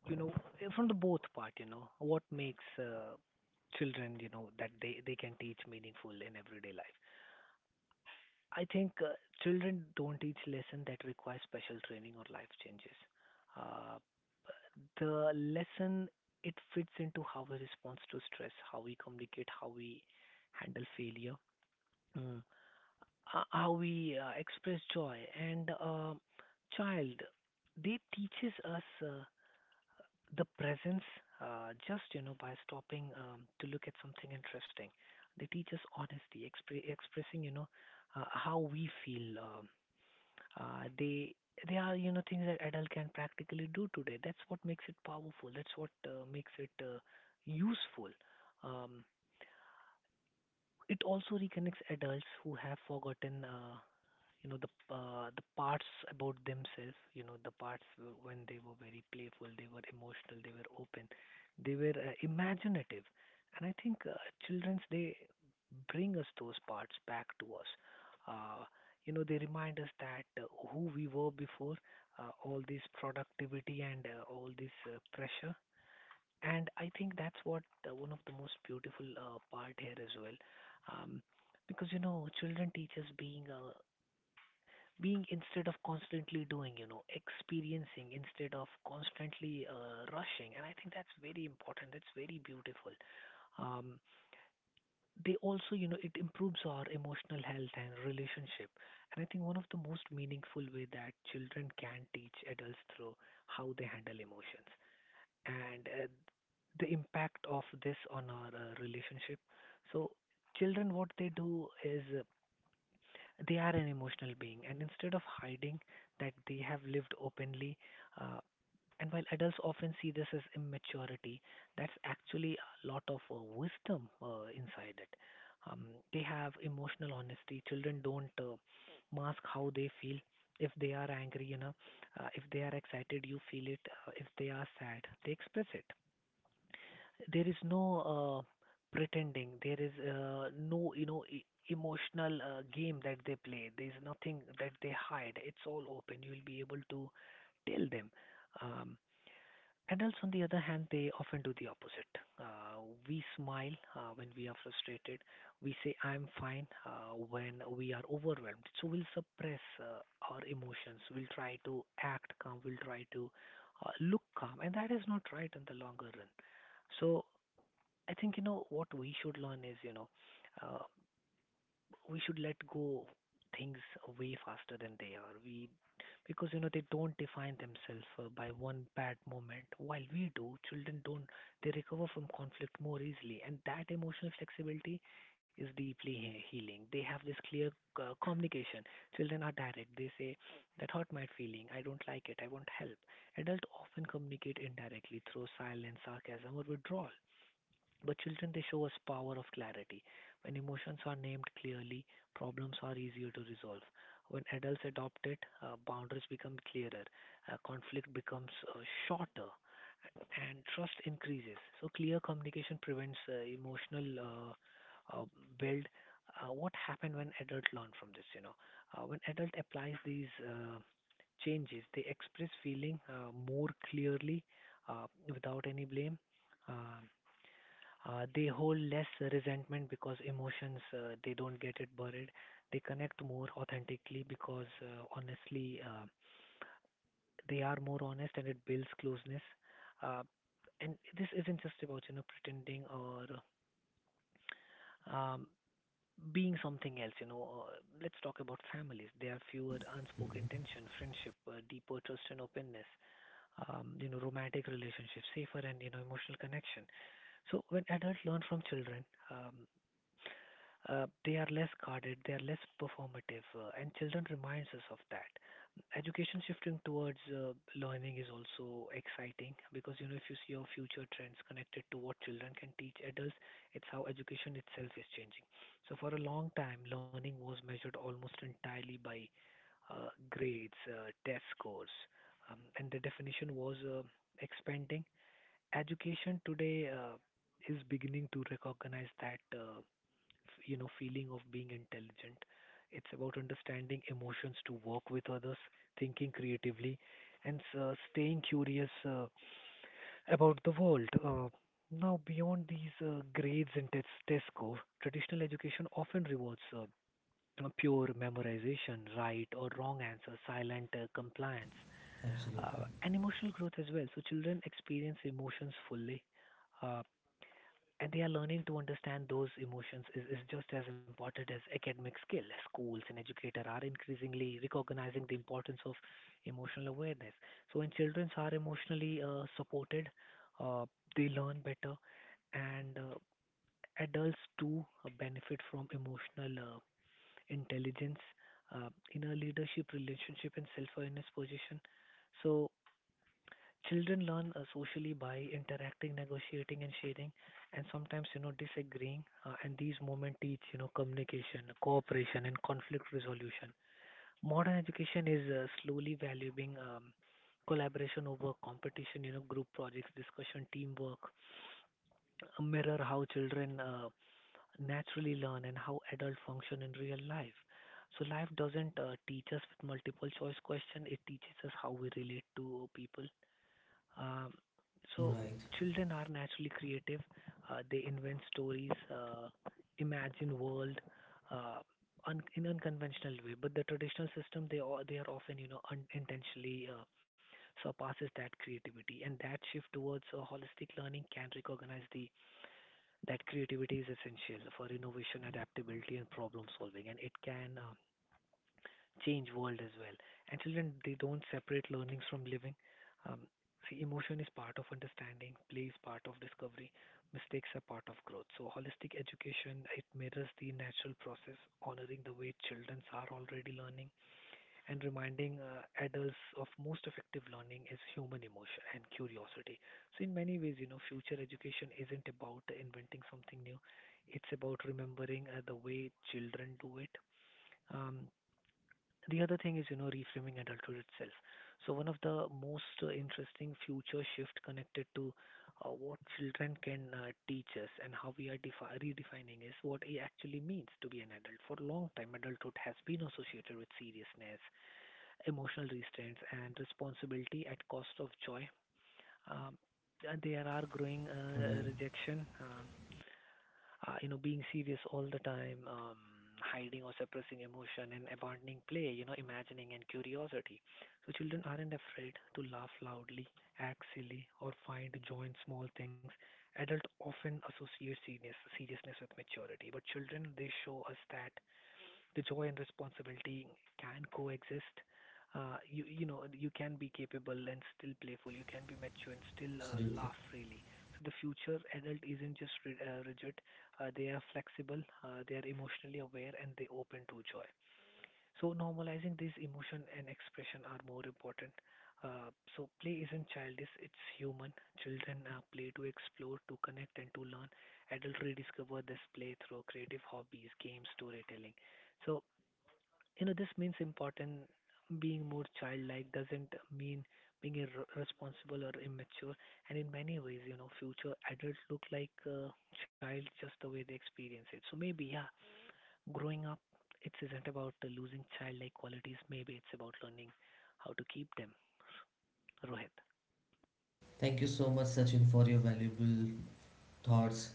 you know from the both part. You know what makes children, that they can teach meaningful in everyday life. I think children don't teach lesson that requires special training or life changes. Uh, the lesson, it fits into how we respond to stress, how we communicate, how we handle failure. Mm. Uh, how we express joy. And child, they teaches us the presence, just by stopping to look at something interesting. They teach us honesty, expressing how we feel. They are things that adult can practically do today. That's what makes it powerful. That's what makes it useful. Um, it also reconnects adults who have forgotten. You know, the parts about themselves, the parts when they were very playful, they were emotional, they were open, they were imaginative. And I think children's, they bring us those parts back to us. uh, you know, they remind us that who we were before all this productivity and all this pressure. And I think that's what one of the most beautiful part here as well. um, because children teach us being instead of constantly doing, you know, experiencing instead of constantly rushing. And I think that's very important. That's very beautiful. Um, they also, you know, it improves our emotional health and relationship. And I think one of the most meaningful way that children can teach adults through how they handle emotions and the impact of this on our relationship. So children, what they do is they are an emotional being, and instead of hiding that, they have lived openly, uh, and while adults often see this as immaturity, that's actually a lot of wisdom inside it. Um, they have emotional honesty. Children don't mask how they feel. If they are angry, you know, if they are excited, you feel it. If they are sad, they express it. There is no pretending, there is no emotional game that they play, there is nothing that they hide, it's all open, you will be able to tell them. um, Adults, on the other hand, they often do the opposite. uh, we smile when we are frustrated, we say I'm fine when we are overwhelmed. So we'll suppress our emotions, we'll try to act calm, we'll try to look calm, and that is not right in the longer run. So I think what we should learn is, uh, we should let go things way faster than they are. We, because they don't define themselves by one bad moment, while we do. Children don't, they recover from conflict more easily, and that emotional flexibility is deeply healing. They have this clear communication. Children are direct, they say that hurt my feeling, I don't like it, I want help. Adults often communicate indirectly through silence, sarcasm, or withdrawal. But children, they show us power of clarity. When emotions are named clearly, problems are easier to resolve. When adults adopt it, boundaries become clearer, conflict becomes shorter, and trust increases. So clear communication prevents emotional uh, build. What happened when adults learn from this? You know, when adult applies these changes, they express feeling more clearly without any blame. Um they hold less resentment because emotions, they don't get it buried. They connect more authentically because honestly, they are more honest and it builds closeness. Uh, and this isn't just about pretending or um, being something else. You know, let's talk about families. There are fewer unspoken tension, friendship, deeper trust and openness. You know, romantic relationships, safer and emotional connection. So when adults learn from children. Um, they are less guarded, they are less performative, and children reminds us of that. Education shifting towards learning is also exciting because if you see your future trends connected to what children can teach adults, it's how education itself is changing. So for a long time, learning was measured almost entirely by grades, test scores, and the definition was expanding. Education today is beginning to recognize that you know, feeling of being intelligent. It's about understanding emotions to work with others, thinking creatively, and staying curious about the world. Now, beyond these grades and test score, traditional education often rewards pure memorization, right or wrong answer, silent compliance, Absolutely. And emotional growth as well. So children experience emotions fully. Uh, and they are learning to understand those emotions is just as important as academic skill. Schools and educators are increasingly recognizing the importance of emotional awareness. So when children are emotionally supported, uh, they learn better, and adults too benefit from emotional intelligence in a leadership relationship and self-awareness position. So children learn socially by interacting, negotiating, and sharing, and sometimes disagreeing. And these moments teach communication, cooperation, and conflict resolution. Modern education is slowly valuing collaboration over competition. You know, group projects, discussion, teamwork, mirror how children naturally learn and how adults function in real life. So life doesn't teach us with multiple choice question. It teaches us how we relate to people. um, so Right. children are naturally creative. They invent stories, imagine world uh, in unconventional way. But the traditional system, they are often unintentionally surpasses that creativity. And that shift towards a holistic learning can recognize the that creativity is essential for innovation, adaptability, and problem solving. And it can change world as well. And children, they don't separate learnings from living. Um, See, emotion is part of understanding, play is part of discovery, mistakes are part of growth. So, holistic education, it mirrors the natural process, honoring the way children are already learning and reminding adults of most effective learning is human emotion and curiosity. So, in many ways, you know, future education isn't about inventing something new; it's about remembering the way children do it. Um, the other thing is, you know, reframing adulthood itself. So one of the most interesting future shift connected to what children can teach us and how we are redefining is what it actually means to be an adult. For a long time, adulthood has been associated with seriousness, emotional restraints, and responsibility at cost of joy. Um, there are growing Right. rejection. You know, being serious all the time, hiding or suppressing emotion and abandoning play, you know, imagining and curiosity. So children aren't afraid to laugh loudly, act silly, or find joy in small things. Adults often associate seriousness with maturity, but children, they show us that the joy and responsibility can coexist. You know you can be capable and still playful. You can be mature and still Absolutely. laugh freely. So the future adult isn't just ri rigid. They are flexible. They are emotionally aware and they open to joy. So normalizing these emotion and expression are more important. So play isn't childish; it's human. Children play to explore, to connect, and to learn. Adults rediscover this play through creative hobbies, games, storytelling. So you know, this means important. Being more childlike doesn't mean being irresponsible or immature. And in many ways, you know, future adults look like a child just the way they experience it. So maybe, yeah, growing up, it isn't about losing childlike qualities. Maybe it's about learning how to keep them. Rohit. Thank you so much, Sachin, for your valuable thoughts.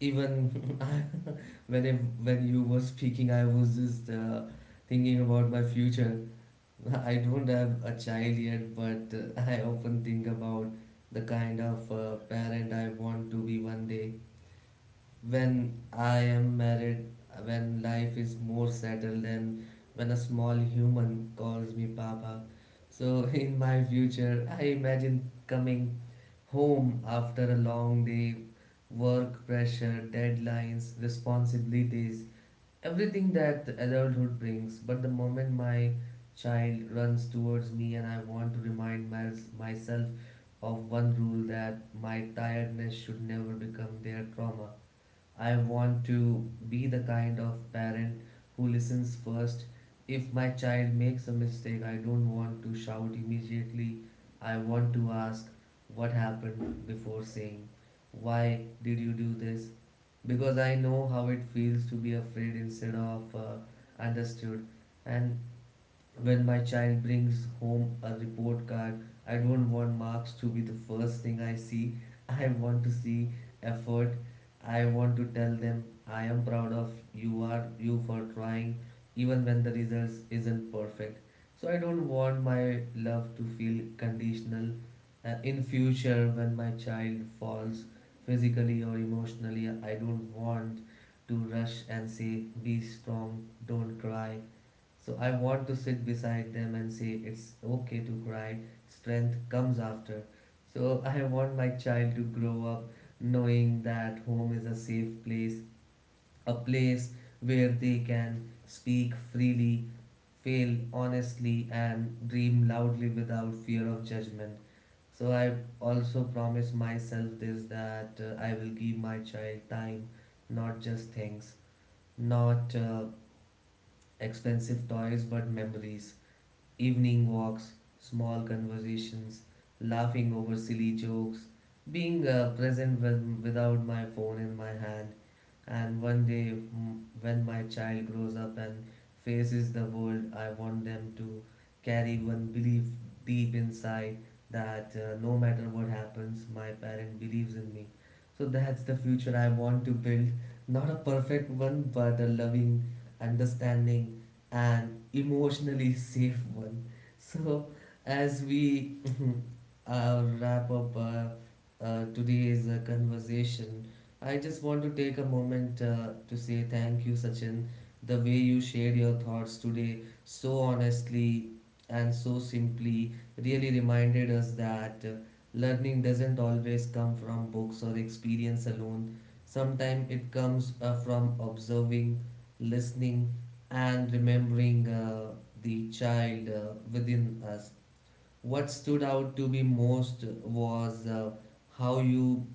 Even [laughs] I- when when you were speaking, I was just thinking about my future. [laughs] I don't have a child yet, but I often think about the kind of parent I want to be one day, when I am married, when life is more settled, and when a small human calls me Papa. So, [laughs] in my future, I imagine coming home after a long day, work pressure, deadlines, responsibilities, everything that adulthood brings. But the moment my child runs towards me, and I want to myself of one rule, that my tiredness should never become their trauma. I want to be the kind of parent who listens first. If my child makes a mistake, I don't want to shout immediately. I want to ask what happened before saying, why did you do this? Because I know how it feels to be afraid instead of understood. And when my child brings home a report card, I don't want marks to be the first thing I see. [laughs] I want to see effort. I want to tell them I am proud of you for trying even when the results isn't perfect. So I don't want my love to feel conditional. In future, when my child falls physically or emotionally, I don't want to rush and say be strong, don't cry. So I want to sit beside them and say it's okay to cry, strength comes after. So I want my child to grow up knowing that home is a safe place, a place where they can speak freely, fail honestly, and dream loudly without fear of judgment. So I also promise myself this, that I will give my child time, not just things, not expensive toys, but memories. Evening walks, small conversations, laughing over silly jokes, being present without my phone in my hand. And one day, when my child grows up and faces the world, I want them to carry one belief deep inside, that no matter what happens, my parent believes in me. So that's the future I want to build. Not a perfect one, but a loving, understanding, and emotionally safe one. So, as we [laughs] wrap up today's conversation, I just want to take a moment to say thank you, Sachin. The way you shared your thoughts today so honestly and so simply really reminded us that learning doesn't always come from books or experience alone. Sometimes it comes from observing, listening, and remembering the child within us. What stood out to me most was how you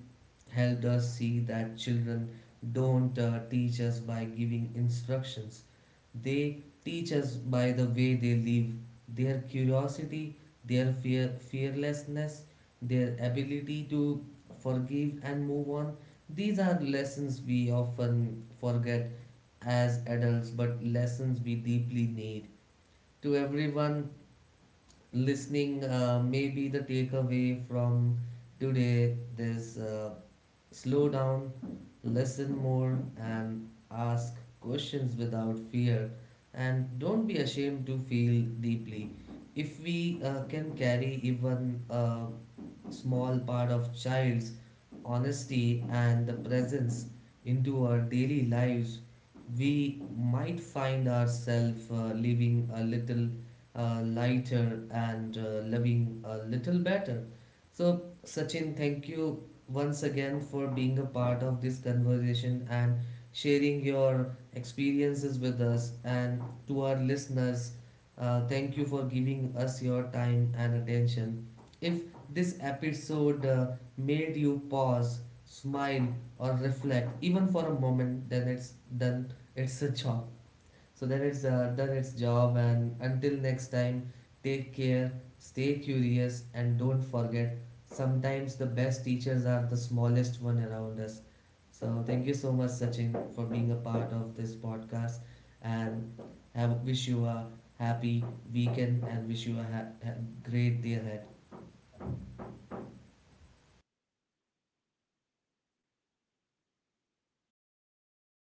helped us see that children don't teach us by giving instructions. They teach us by the way they live, their curiosity, their fearlessness, their ability to forgive and move on. These are lessons we often forget as adults, but lessons we deeply need. To everyone listening, maybe the takeaway from today is slow down, listen more, and ask questions without fear. And don't be ashamed to feel deeply. If we can carry even small part of child's honesty and the presence into our daily lives, we might find ourselves living a little lighter and living a little better. So, Sachin, thank you once again for being a part of this conversation and sharing your experiences with us. And to our listeners, thank you for giving us your time and attention. If this episode made you pause, smile, or reflect even for a moment, then it's done its a job. So then it's done its job. And until next time, take care, stay curious, and don't forget. Sometimes the best teachers are the smallest one around us. So thank you so much, Sachin, for being a part of this podcast, and have wish you a happy weekend and wish you a great day ahead.